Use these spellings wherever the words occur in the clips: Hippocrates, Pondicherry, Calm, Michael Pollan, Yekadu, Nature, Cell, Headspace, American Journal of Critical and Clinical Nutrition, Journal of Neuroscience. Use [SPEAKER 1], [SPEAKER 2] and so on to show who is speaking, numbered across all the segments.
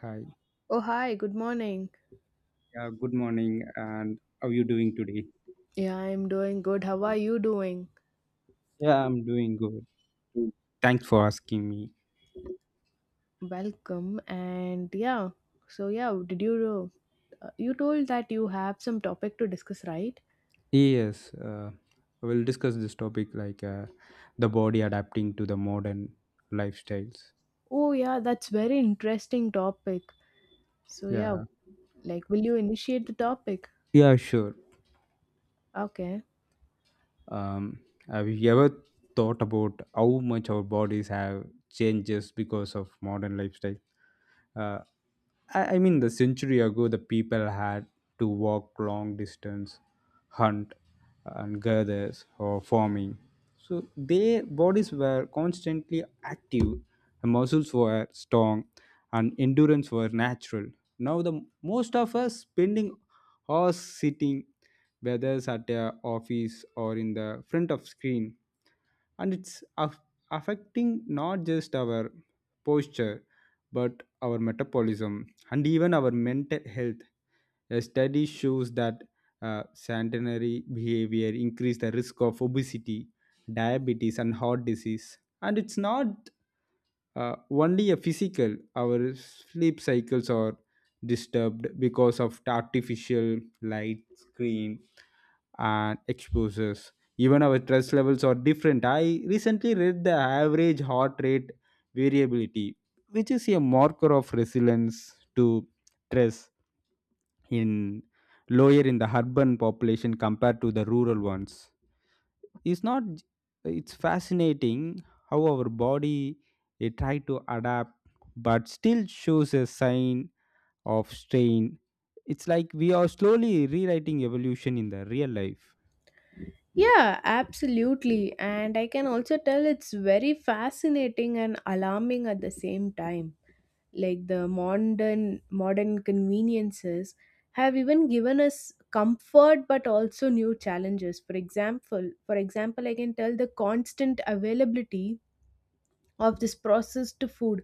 [SPEAKER 1] Hi,
[SPEAKER 2] Oh, hi, good morning.
[SPEAKER 1] yeah, good morning, and how are you doing today?
[SPEAKER 2] Yeah, I'm doing good. How are you doing?
[SPEAKER 1] Yeah, I'm doing good. Mm. Thanks for asking me.
[SPEAKER 2] Welcome. And yeah, so yeah, did you you told that you have some topic to discuss, right?
[SPEAKER 1] Yes, we'll discuss this topic like the body adapting to the modern lifestyles.
[SPEAKER 2] Oh, yeah, that's very interesting topic. So yeah,
[SPEAKER 1] Yeah,
[SPEAKER 2] like, will you initiate the topic?
[SPEAKER 1] yeah, sure.
[SPEAKER 2] Okay.
[SPEAKER 1] Um, have you ever thought about how much our bodies have changed just because of modern lifestyle? Uh, I mean, the century ago, the people had to walk long distance, hunt, and gather or farming. So their bodies were constantly active, the muscles were strong, and endurance were natural. Now the most of us spending hours sitting, whether it's at a office or in the front of screen, and it's affecting not just our posture but our metabolism and even our mental health. A study shows that sedentary behavior increase the risk of obesity, diabetes and heart disease, and it's not only a physical, our sleep cycles are disturbed because of the artificial light, screen, and exposures. Even our stress levels are different. I recently read the average heart rate variability, which is a marker of resilience to stress in, lower in the urban population compared to the rural ones. It's not, it's fascinating how our body it try to adapt but still shows a sign of strain. It's like we are slowly rewriting evolution in the real life.
[SPEAKER 2] Yeah, absolutely. And I can also tell it's very fascinating and alarming at the same time. Like the modern conveniences have even given us comfort but also new challenges. For example, I can tell the constant availability of this processed food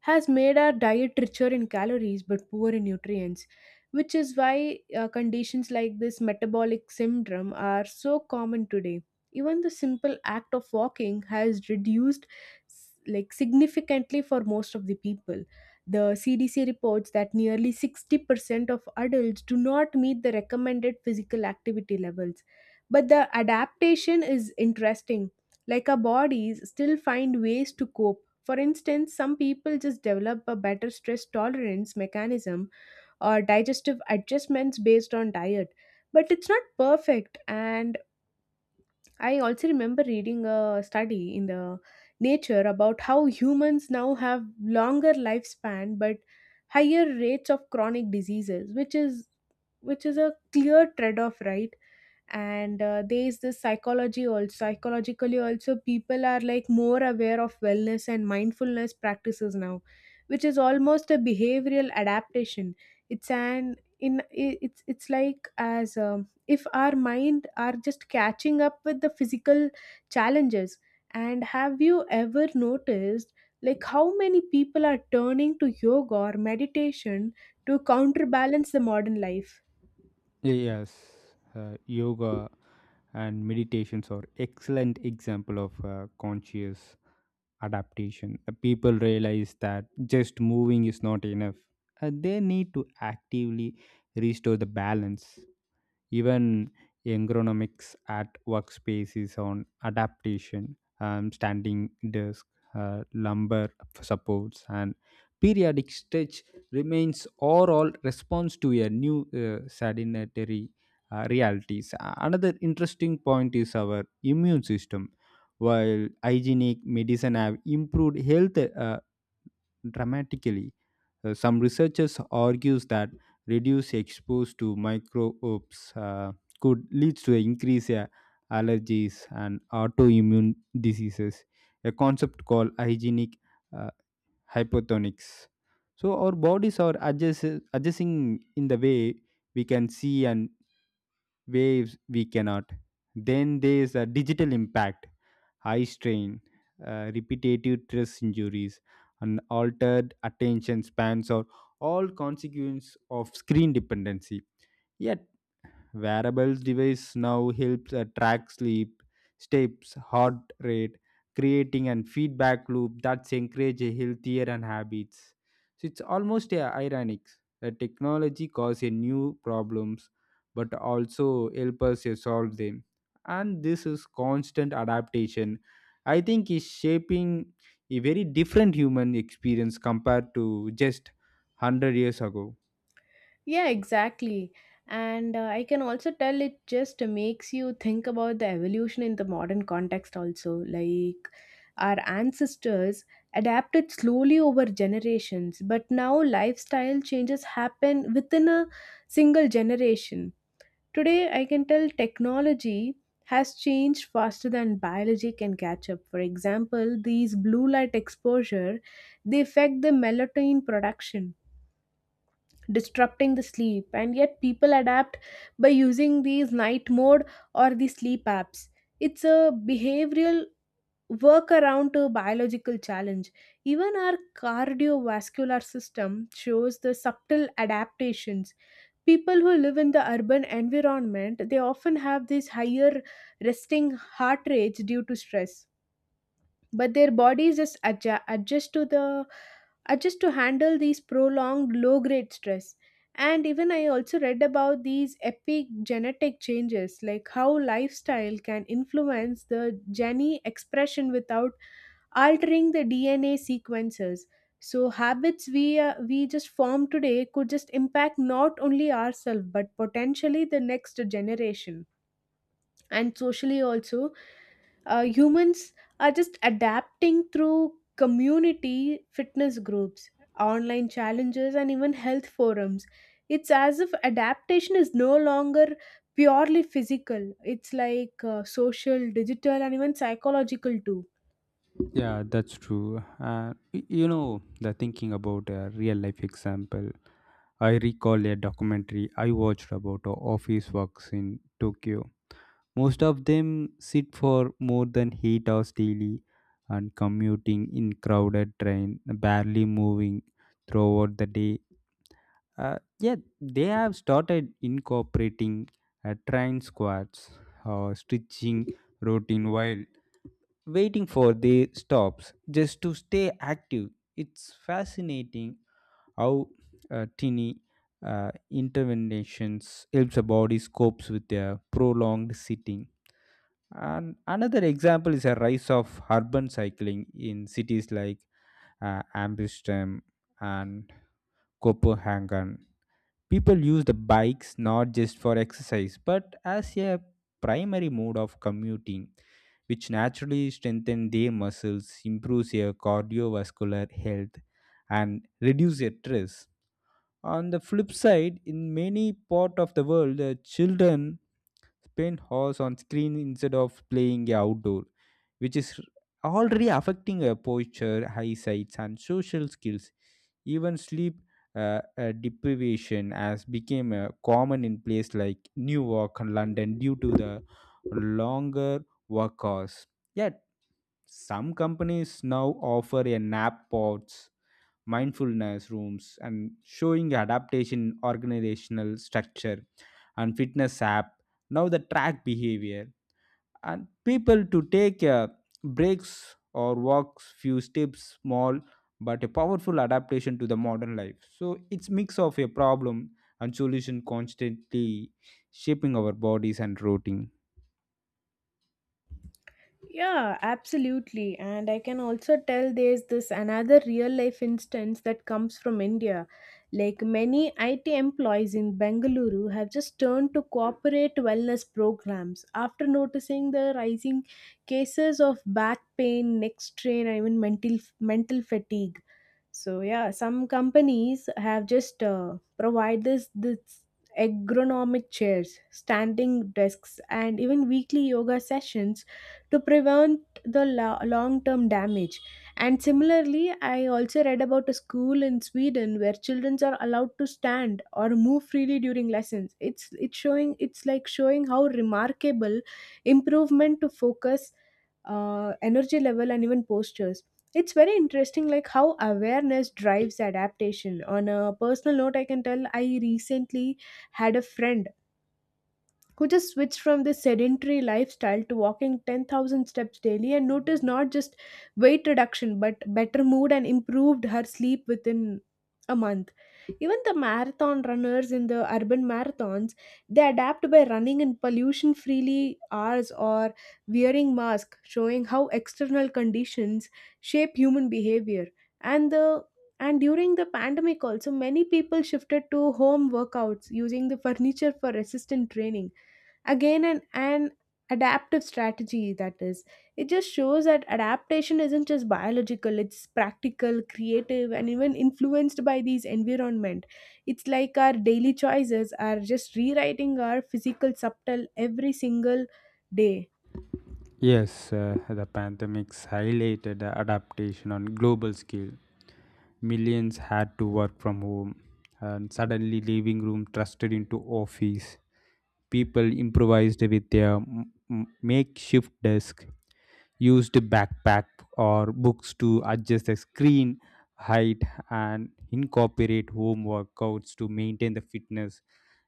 [SPEAKER 2] has made our diet richer in calories but poor in nutrients, which is why conditions like this metabolic syndrome are so common today. Even the simple act of walking has reduced like significantly for most of the people. The CDC reports that nearly 60% of adults do not meet the recommended physical activity levels. But the adaptation is interesting. Like our bodies still find ways to cope. For instance, some people just develop a better stress tolerance mechanism or digestive adjustments based on diet, but it's not perfect. And I also remember reading a study in the nature about how humans now have longer lifespan but higher rates of chronic diseases, which is a clear trade off, right? And there is this psychology also psychologically also, people are like more aware of wellness and mindfulness practices now, which is almost a behavioral adaptation. It's an in i- it's it's like, as if our mind are just catching up with the physical challenges. And have you ever noticed, like how many people are turning to yoga or meditation to counterbalance the modern life?
[SPEAKER 1] Yes, yoga and meditations are excellent example of conscious adaptation. The people realize that just moving is not enough. They need to actively restore the balance, even ergonomics at workspaces on adaptation, standing desk, lumbar supports and periodic stretch remains overall response to a new sedentary realities. Another interesting point is our immune system. While hygienic medicine have improved health dramatically, some researchers argues that reduced exposure to microbes could lead to increase allergies and autoimmune diseases, a concept called hygienic uh, hypotonics. So our bodies are adjusting in the way we can see and waves we cannot. Then there's a digital impact, eye strain, repetitive stress injuries, and altered attention spans are all consequence of screen dependency. Yet wearables device now helps track sleep, steps, heart rate, creating an feedback loop that's encourage a healthier and habits. So it's almost ironic that technology causes new problems, but also help us solve them. And this is constant adaptation. I think is shaping a very different human experience compared to just 100 years ago.
[SPEAKER 2] Yeah, exactly. And I can also tell it just makes you think about the evolution in the modern context, also. Like our ancestors adapted slowly over generations, but now lifestyle changes happen within a single generation. Today, I can tell technology has changed faster than biology can catch up. For example, these blue light exposure, they affect the melatonin production, disrupting the sleep. And yet people adapt by using these night mode or the sleep apps. It's a behavioral workaround to a biological challenge. Even our cardiovascular system shows the subtle adaptations. People who live in the urban environment, they often have these higher resting heart rates due to stress, but their bodies just adjust to handle these prolonged low grade stress. And even I also read about these epigenetic changes, like how lifestyle can influence the gene expression without altering the dna sequences. So habits we just form today could just impact not only ourselves but potentially the next generation. And socially also, humans are just adapting through community fitness groups, online challenges, and even health forums. It's as if adaptation is no longer purely physical, it's like social, digital, and even psychological too.
[SPEAKER 1] Yeah, that's true. You know, the thinking about a real life example, I recall a documentary I watched about office works in Tokyo. Most of them sit for more than 8 hours daily and commuting in crowded train, barely moving throughout the day. Yeah, they have started incorporating train squads or stretching routine while waiting for their stops just to stay active. It's fascinating how tiny interventions helps a body copes with a prolonged sitting. And another example is a rise of urban cycling in cities like Amsterdam and Copenhagen. People use the bikes not just for exercise but as a primary mode of commuting, which naturally strengthen their muscles, improves their cardiovascular health, and reduce their stress. On the flip side, in many part of the world, the children spend hours on screen instead of playing outdoor, which is already affecting our posture, eyesight, and social skills. Even sleep deprivation has become common in places like Newark and London due to the longer work hours. Yet, some companies now offer a nap pods, mindfulness rooms and showing adaptation in organizational structure, and fitness app now the track behavior and people to take breaks or walks few steps, small but a powerful adaptation to the modern life. So it's mix of a problem and solution constantly shaping our bodies and routine.
[SPEAKER 2] Yeah, absolutely. And I can also tell there's this another real life instance that comes from India. Like many IT employees in Bengaluru have just turned to corporate wellness programs after noticing the rising cases of back pain, neck strain, and even mental fatigue. So yeah, some companies have just provide this ergonomic chairs, standing desks, and even weekly yoga sessions to prevent the long-term damage. And similarly, I also read about a school in Sweden where children are allowed to stand or move freely during lessons. It's like showing how remarkable improvement to focus, energy level, and even postures. It's very interesting like how awareness drives adaptation. On a personal note, I can tell I recently had a friend who just switched from this sedentary lifestyle to walking 10,000 steps daily and noticed not just weight reduction but better mood and improved her sleep within a month. Even the marathon runners in the urban marathons, they adapt by running in pollution freely hours or wearing masks, showing how external conditions shape human behavior. And the and during the pandemic also, many people shifted to home workouts using the furniture for resistant training. Again, an adaptive strategy. That is, it just shows that adaptation isn't just biological, it's practical, creative, and even influenced by these environment. It's like our daily choices are just rewriting our physical subtle every single day.
[SPEAKER 1] Yes, the pandemics highlighted the adaptation on global scale. Millions had to work from home, and suddenly living room trusted into office. People improvised with their makeshift desk, used backpack or books to adjust the screen height, and incorporate home workouts to maintain the fitness.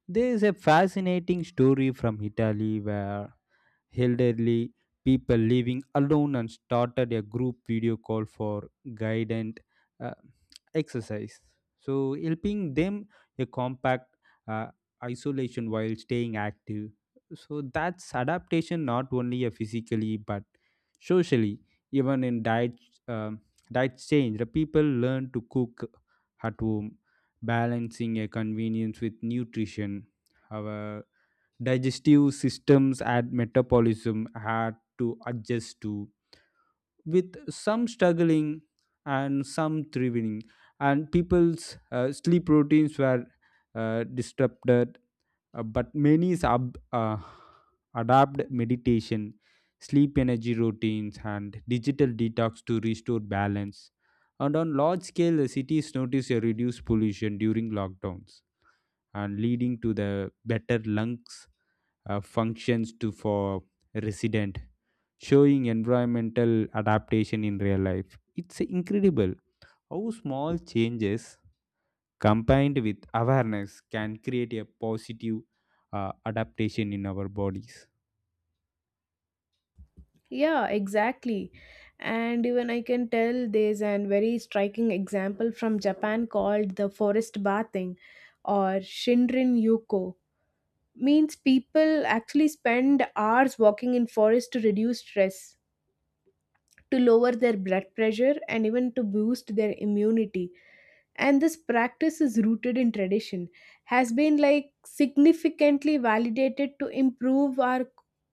[SPEAKER 1] There is a fascinating story from Italy where elderly people living alone and started a group video call for guided uh, exercise. So, helping them a compact uh, isolation while staying active. So, that's adaptation not only physically but socially, even in diet. Um, Diet change, the people learn to cook at home, balancing a convenience with nutrition. Our digestive systems and metabolism had to adjust to, with some struggling and some thriving. And people's sleep routines were disrupted, but many adapt meditation, sleep energy routines, and digital detox to restore balance. And on large scale, the cities noticed a reduced pollution during lockdowns and leading to the better lungs functions to for resident, showing environmental adaptation in real life. It's incredible how small changes combined with awareness can create a positive adaptation in our bodies.
[SPEAKER 2] Yeah, exactly. And even I can tell there's a very striking example from Japan called the forest bathing or Shinrin Yuko. Means people actually spend hours walking in forest to reduce stress, to lower their blood pressure, and even to boost their immunity. And this practice is rooted in tradition, has been like significantly validated to improve our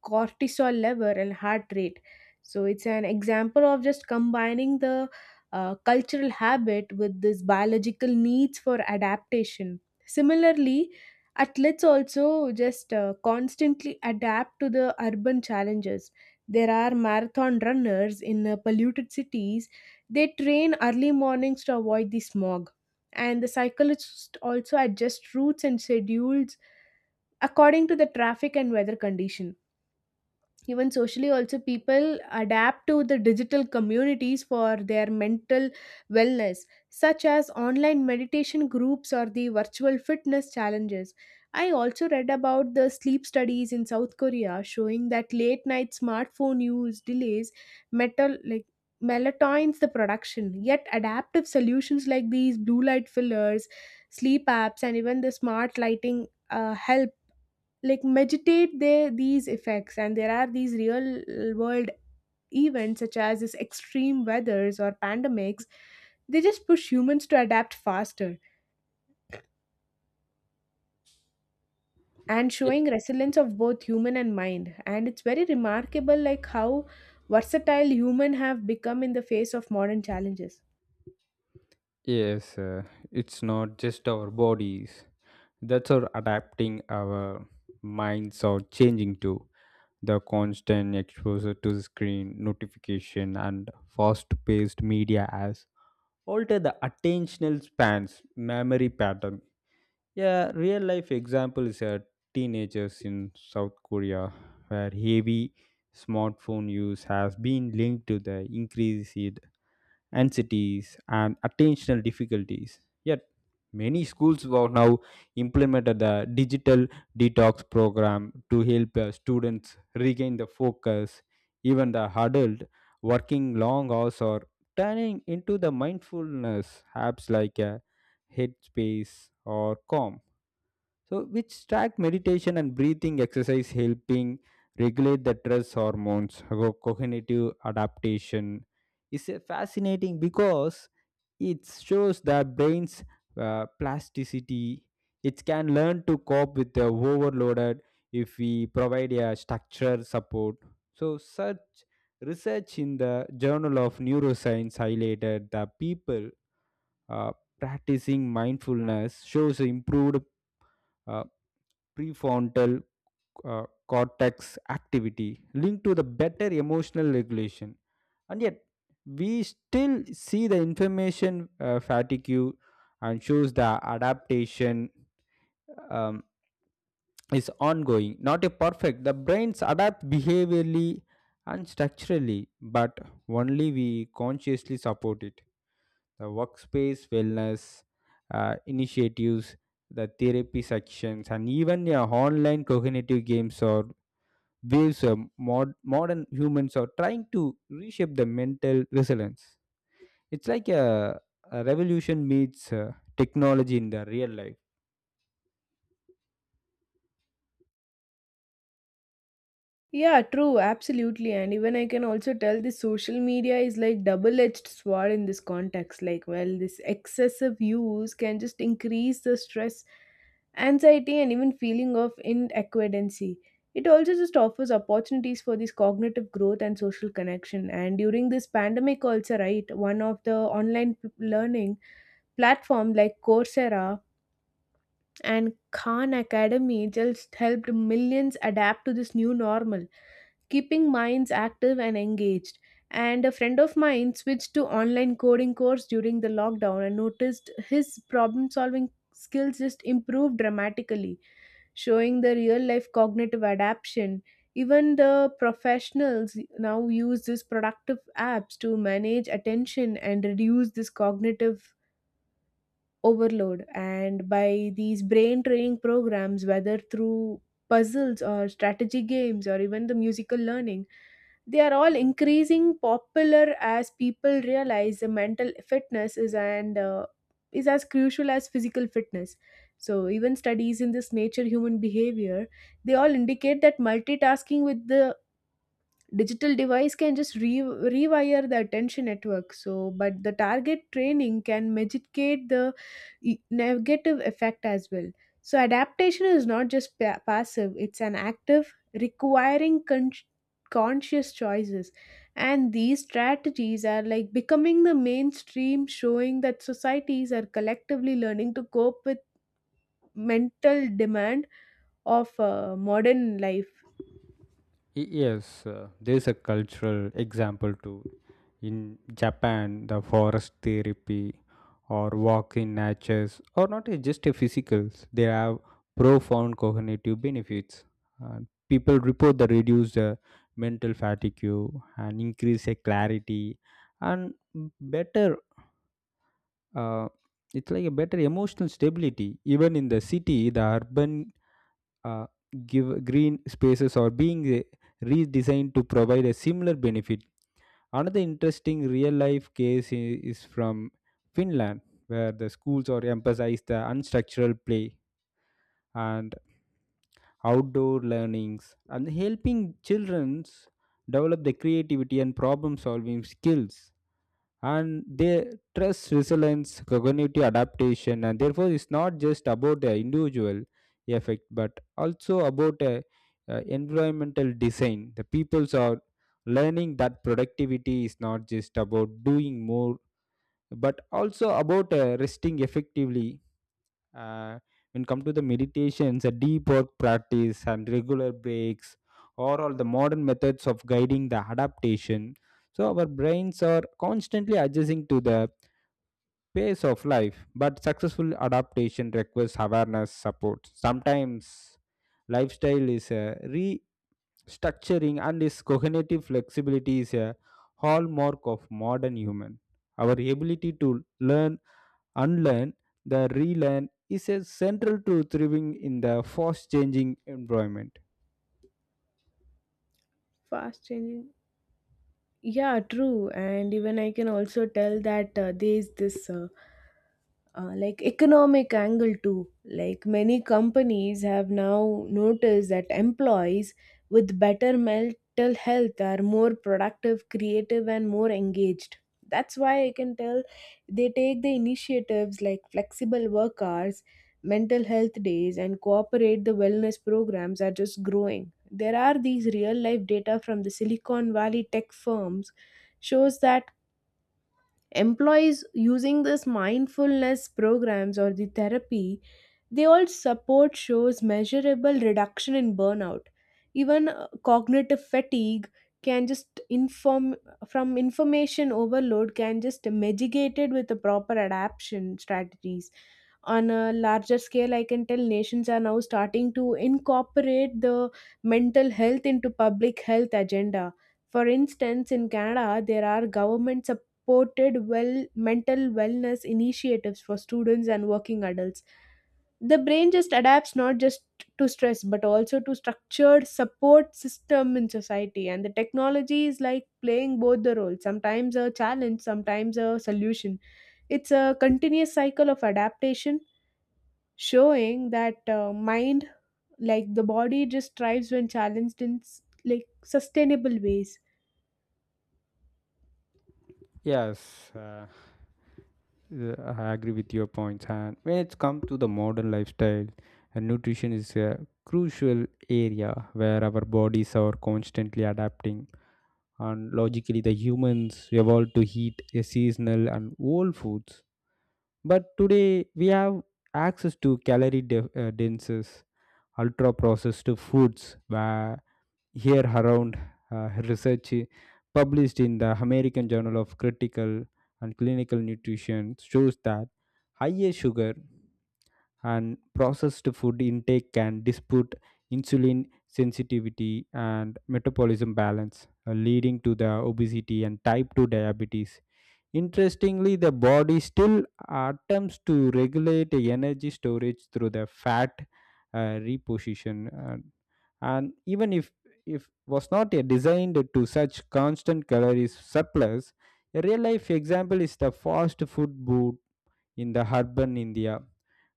[SPEAKER 2] cortisol level and heart rate. So it's an example of just combining the cultural habit with this biological needs for adaptation. Similarly, athletes also just constantly adapt to the urban challenges. There are marathon runners in polluted cities. They train early mornings to avoid the smog. And the cyclist also adjusts routes and schedules according to the traffic and weather condition. Even socially also, people adapt to the digital communities for their mental wellness, such as online meditation groups or the virtual fitness challenges. I also read about the sleep studies in south korea showing that late night smartphone use delays metal like melatonin's the production. Yet adaptive solutions like these blue light fillers, sleep apps, and even the smart lighting help like meditate there these effects. And there are these real world events such as this extreme weathers or pandemics, they just push humans to adapt faster, and
[SPEAKER 1] Y-
[SPEAKER 2] showing resilience of both human and mind. And it's very remarkable like how versatile human have become in the face of modern challenges.
[SPEAKER 1] yes, it's not just our bodies that's our adapting, our minds or changing to the constant exposure to the screen notification and fast-paced media has alter the attentional spans, memory pattern. Yeah, real life example is a teenagers in South Korea, where heavy smartphone use has been linked to the increase in anxieties, and attentional difficulties. Yet, many schools have now implemented the digital detox program to help students regain the focus. Even the adult working long hours or turning into the mindfulness apps like Headspace or Calm. So, which track meditation and breathing exercise helping regulate the stress hormones, cognitive adaptation, is a fascinating because it shows the brain's plasticity. It can learn to cope with the overloaded if we provide a structured support. So, such research in the Journal of Neuroscience highlighted that people uh, practicing mindfulness shows improved uh, prefrontal cortex activity linked to the better emotional regulation. And yet we still see the information fatigue and shows the adaptation um, is ongoing, not a perfect. The brains adapt behaviorally and structurally but only we consciously support it. The workspace wellness initiatives, the therapy sections and even your online cognitive games or waves, modern humans are trying to reshape the mental resilience. It's like a revolution meets technology in the real life.
[SPEAKER 2] Yeah, true, absolutely. And even I can also tell this social media is like double edged sword in this context. Like, well, this excessive use can just increase the stress, anxiety, and even feeling of inadequacy. It also just offers opportunities for this cognitive growth and social connection. And during this pandemic also, right, one of the online learning platform like coursera and khan academy just helped millions adapt to this new normal, keeping minds active and engaged. And a friend of mine switched to online coding course during the lockdown and noticed his problem solving skills just improved dramatically, showing the real life cognitive adaptation. Even the professionals now use these productive apps to manage attention and reduce this cognitive overload. And by these brain training programs, whether through puzzles or strategy games or even the musical learning, they are all increasing popular as people realize the mental fitness is, and is as crucial as physical fitness. So even studies in this nature human behavior, they all indicate that multitasking with the digital device can just rewire the attention network. So but the target training can mitigate the negative effect as well. So adaptation is not just passive, it's an active, requiring conscious choices. And these strategies are like becoming the mainstream, showing that societies are collectively learning to cope with mental demand of modern life.
[SPEAKER 1] Yes, there's a cultural example too. In Japan, the forest therapy or walk in natures or not a, just a physicals, they have profound cognitive benefits. And people report the reduced mental fatigue and increase a clarity and better. Uh, it's like a better emotional stability. Even in the city, the urban uh, give green spaces are being redesigned to provide a similar benefit. Another interesting real life case is from Finland, where the schools are emphasize the unstructural play and outdoor learnings and helping children develop the creativity and problem solving skills, and they trust resilience cognitive adaptation. And therefore it's not just about the individual effect but also about environmental design. The peoples are learning that productivity is not just about doing more but also about resting effectively, uh, when come to the meditations, a deep work practice and regular breaks or all the modern methods of guiding the adaptation. So our brains are constantly adjusting to the pace of life, but successful adaptation requires awareness support. Sometimes lifestyle is a restructuring, and this cognitive flexibility is a hallmark of modern human. Our ability to learn, unlearn, the relearn is a central to thriving in the fast changing environment.
[SPEAKER 2] Fast changing. Yeah, true. And even I can also tell that there is this like economic angle too. Like many companies have now noticed that employees with better mental health are more productive, creative, and more engaged. That's why I can tell they take the initiatives like flexible work hours, mental health days, and cooperate the wellness programs are just growing. There are these real life data from the silicon valley tech firms shows that employees using this mindfulness programs or the therapy, they all support shows measurable reduction in burnout. Even cognitive fatigue can just inform from information overload can just mitigated with the proper adaptation strategies. On a larger scale, I can tell nations are now starting to incorporate the mental health into public health agenda. For instance, in canada, there are government supported well mental wellness initiatives for students and working adults. The brain just adapts not just to stress but also to structured support system in society. And the technology is like playing both the roles, sometimes a challenge, sometimes a solution. It's a continuous cycle of adaptation, showing that mind, like the body, just thrives when challenged in like sustainable ways.
[SPEAKER 1] Yes. Yeah, I agree with your points. And when it's come to the modern lifestyle, and nutrition is a crucial area where our bodies are constantly adapting. And logically, the humans evolved to eat a seasonal and whole foods. But today, we have access to calorie dense, ultra processed foods, where here around her research published in the American Journal of Critical and Clinical Nutrition shows that higher sugar and processed food intake can dispute insulin sensitivity and metabolism balance, leading to the obesity and type 2 diabetes. Interestingly, the body still attempts to regulate energy storage through the fat reposition, and even if was not designed to such constant calories surplus. A real life example is the fast food boot in the urban India,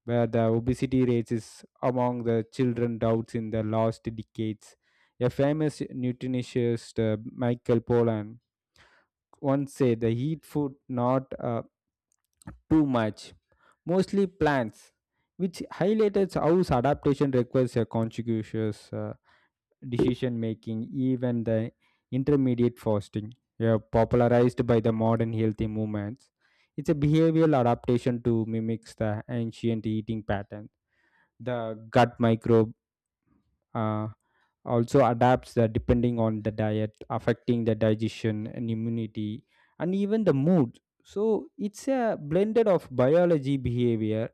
[SPEAKER 1] where the obesity rates is among the children doubts in the last decades. A famous nutritionist, Michael Pollan, once said the heat food not too much, mostly plants, which highlighted how adaptation requires a conscientious decision making. Even the intermediate fasting, yeah, popularized by the modern healthy movements. It's a behavioral adaptation to mimics the ancient eating pattern. The gut microbiome uh, also adapts depending on the diet, affecting the digestion and immunity and even the mood. So it's a blended of biology, behavior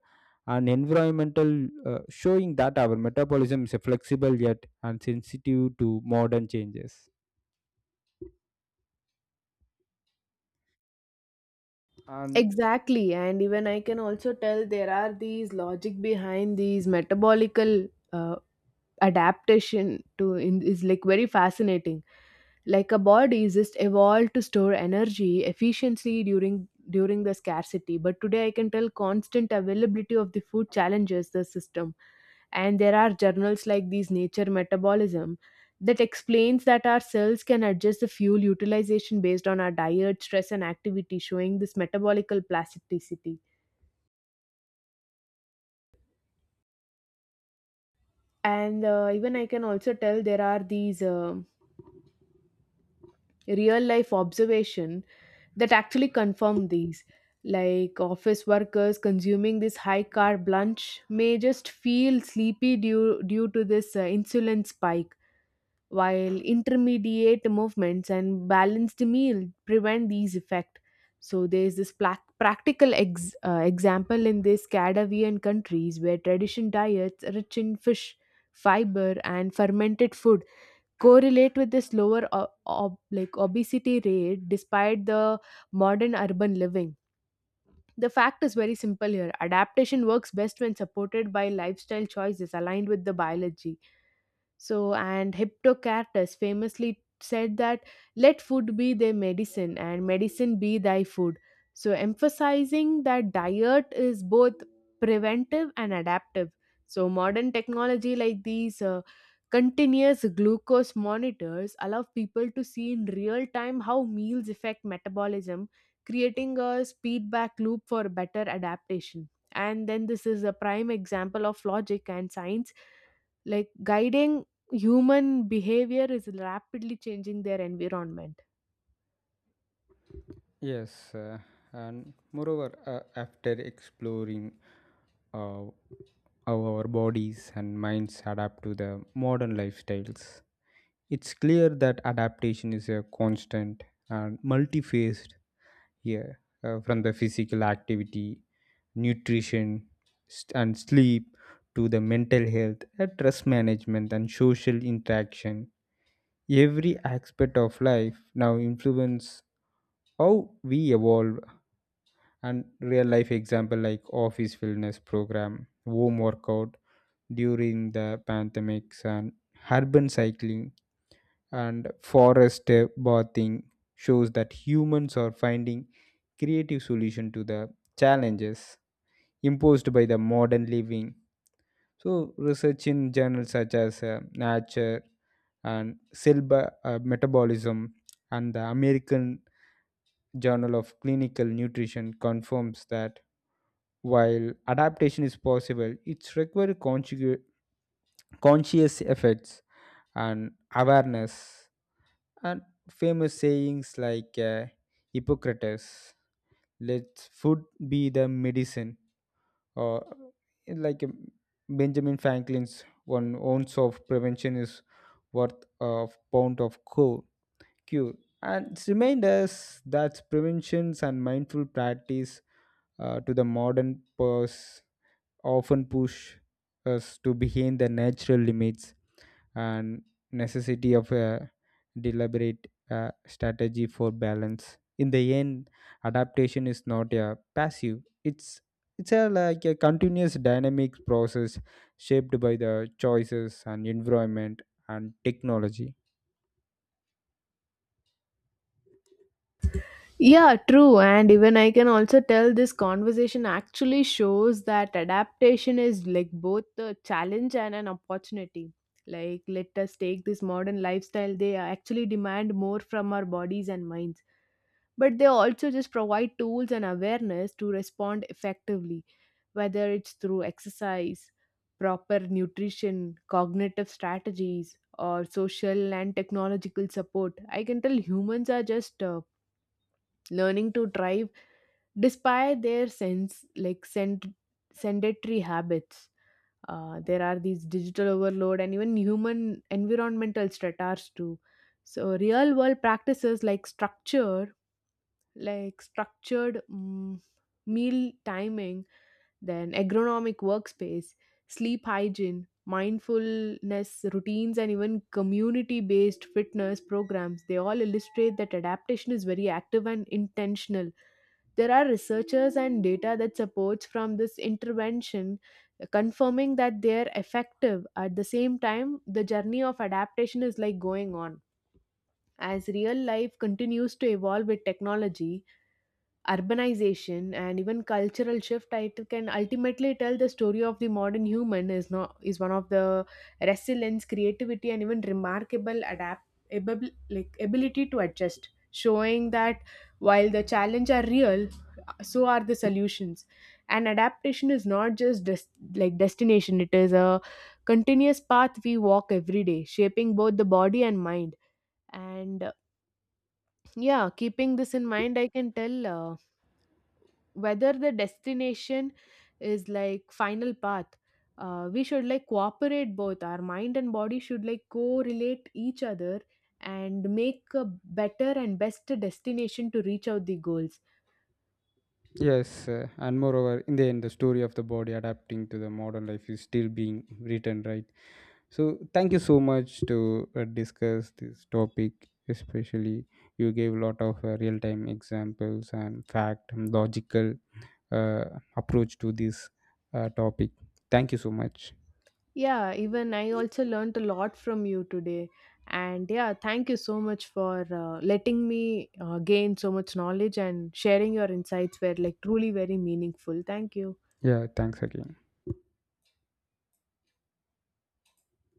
[SPEAKER 1] and environmental showing that our metabolism is flexible yet and sensitive to modern changes. And
[SPEAKER 2] Exactly, and even I can also tell there are these logic behind these metabolical adaptation to in, is like very fascinating. Like a body is just evolved to store energy efficiently during the scarcity, but today I can tell constant availability of the food challenges the system. And there are journals like these nature metabolism that explains that our cells can adjust the fuel utilization based on our diet, stress, and activity, showing this metabolical plasticity. And even I can also tell there are these real life observation that actually confirm these. Like office workers consuming this high carb lunch may just feel sleepy due to this insulin spike, while intermediate movements and balanced meal prevent these effects. So there's this plac practical example in these Scandinavian countries where tradition diets rich in fish, fiber, and fermented food correlate with this like obesity rate despite the modern urban living. The fact is very simple here. Adaptation works best when supported by lifestyle choices aligned with the biology. So, and Hippocrates famously said that let food be thy medicine and medicine be thy food. So, emphasizing that diet is both preventive and adaptive. So, modern technology like these continuous glucose monitors allow people to see in real time how meals affect metabolism, creating a feedback loop for better adaptation. And then, this is a prime example of logic and science like guiding human behavior is rapidly changing their environment.
[SPEAKER 1] yes, and moreover, after exploring uh, how our bodies and minds adapt to the modern lifestyles. It's clear that adaptation is a constant and multi-phased here, from the physical activity, nutrition, and sleep to the mental health, stress management, and social interaction. Every aspect of life now influence how we evolve. And real life example like office wellness program, home workout during the pandemics, and urban cycling, and forest bathing shows that humans are finding creative solution to the challenges imposed by the modern living. So research in journals such as nature and cell metabolism and the American Journal of Clinical Nutrition confirms that while adaptation is possible, it requires conscious efforts and awareness. And famous sayings like Hippocrates, let food be the medicine, or like Benjamin Franklin's one ounce of prevention is worth a pound of cure. And it's remind us that preventions and mindful practice to the modern purse often push us to behind the natural limits and necessity of a deliberate strategy for balance. In the end, adaptation is not a passive, it's a like a continuous dynamic process shaped by the choices and environment and technology.
[SPEAKER 2] Yeah, true. And even I can also tell this conversation actually shows that adaptation is like both a challenge and an opportunity. Like, let us take this modern lifestyle, they actually demand more from our bodies and minds, but they also just provide tools and awareness to respond effectively, whether it's through exercise, proper nutrition, cognitive strategies, or social and technological support. I can tell humans are just learning to thrive despite their sedentary habits. There are these digital overload and even human environmental stressors too. So real world practices like structured meal timing, then agronomic workspace, sleep hygiene, mindfulness routines, and even community based fitness programs. They all illustrate that adaptation is very active and intentional. There are researchers and data that supports from this intervention, confirming that they're effective. At the same time, the journey of adaptation is like going on. As real life continues to evolve with technology, urbanization, and even cultural shift, I can ultimately tell the story of the modern human is not is one of the resilience, creativity, and even remarkable adaptable like ability to adjust, showing that while the challenge are real, so are the solutions. And adaptation is not just like destination, it is a continuous path we walk every day, shaping both the body and mind. And yeah, keeping this in mind, I can tell whether the destination is like final path, we should like cooperate both our mind and body should like correlate each other and make a better and best destination to reach out the goals.
[SPEAKER 1] Yes, and moreover, in the end the story of the body adapting to the modern life is still being written, right? So thank you so much to discuss this topic. Especially, you gave a lot of real-time examples and fact and logical uh, approach to this topic. Thank you so much.
[SPEAKER 2] Yeah, even I also learned a lot from you today. And yeah, thank you so much for letting me gain so much knowledge. And sharing your insights were like truly very meaningful. Thank you.
[SPEAKER 1] Yeah, thanks again.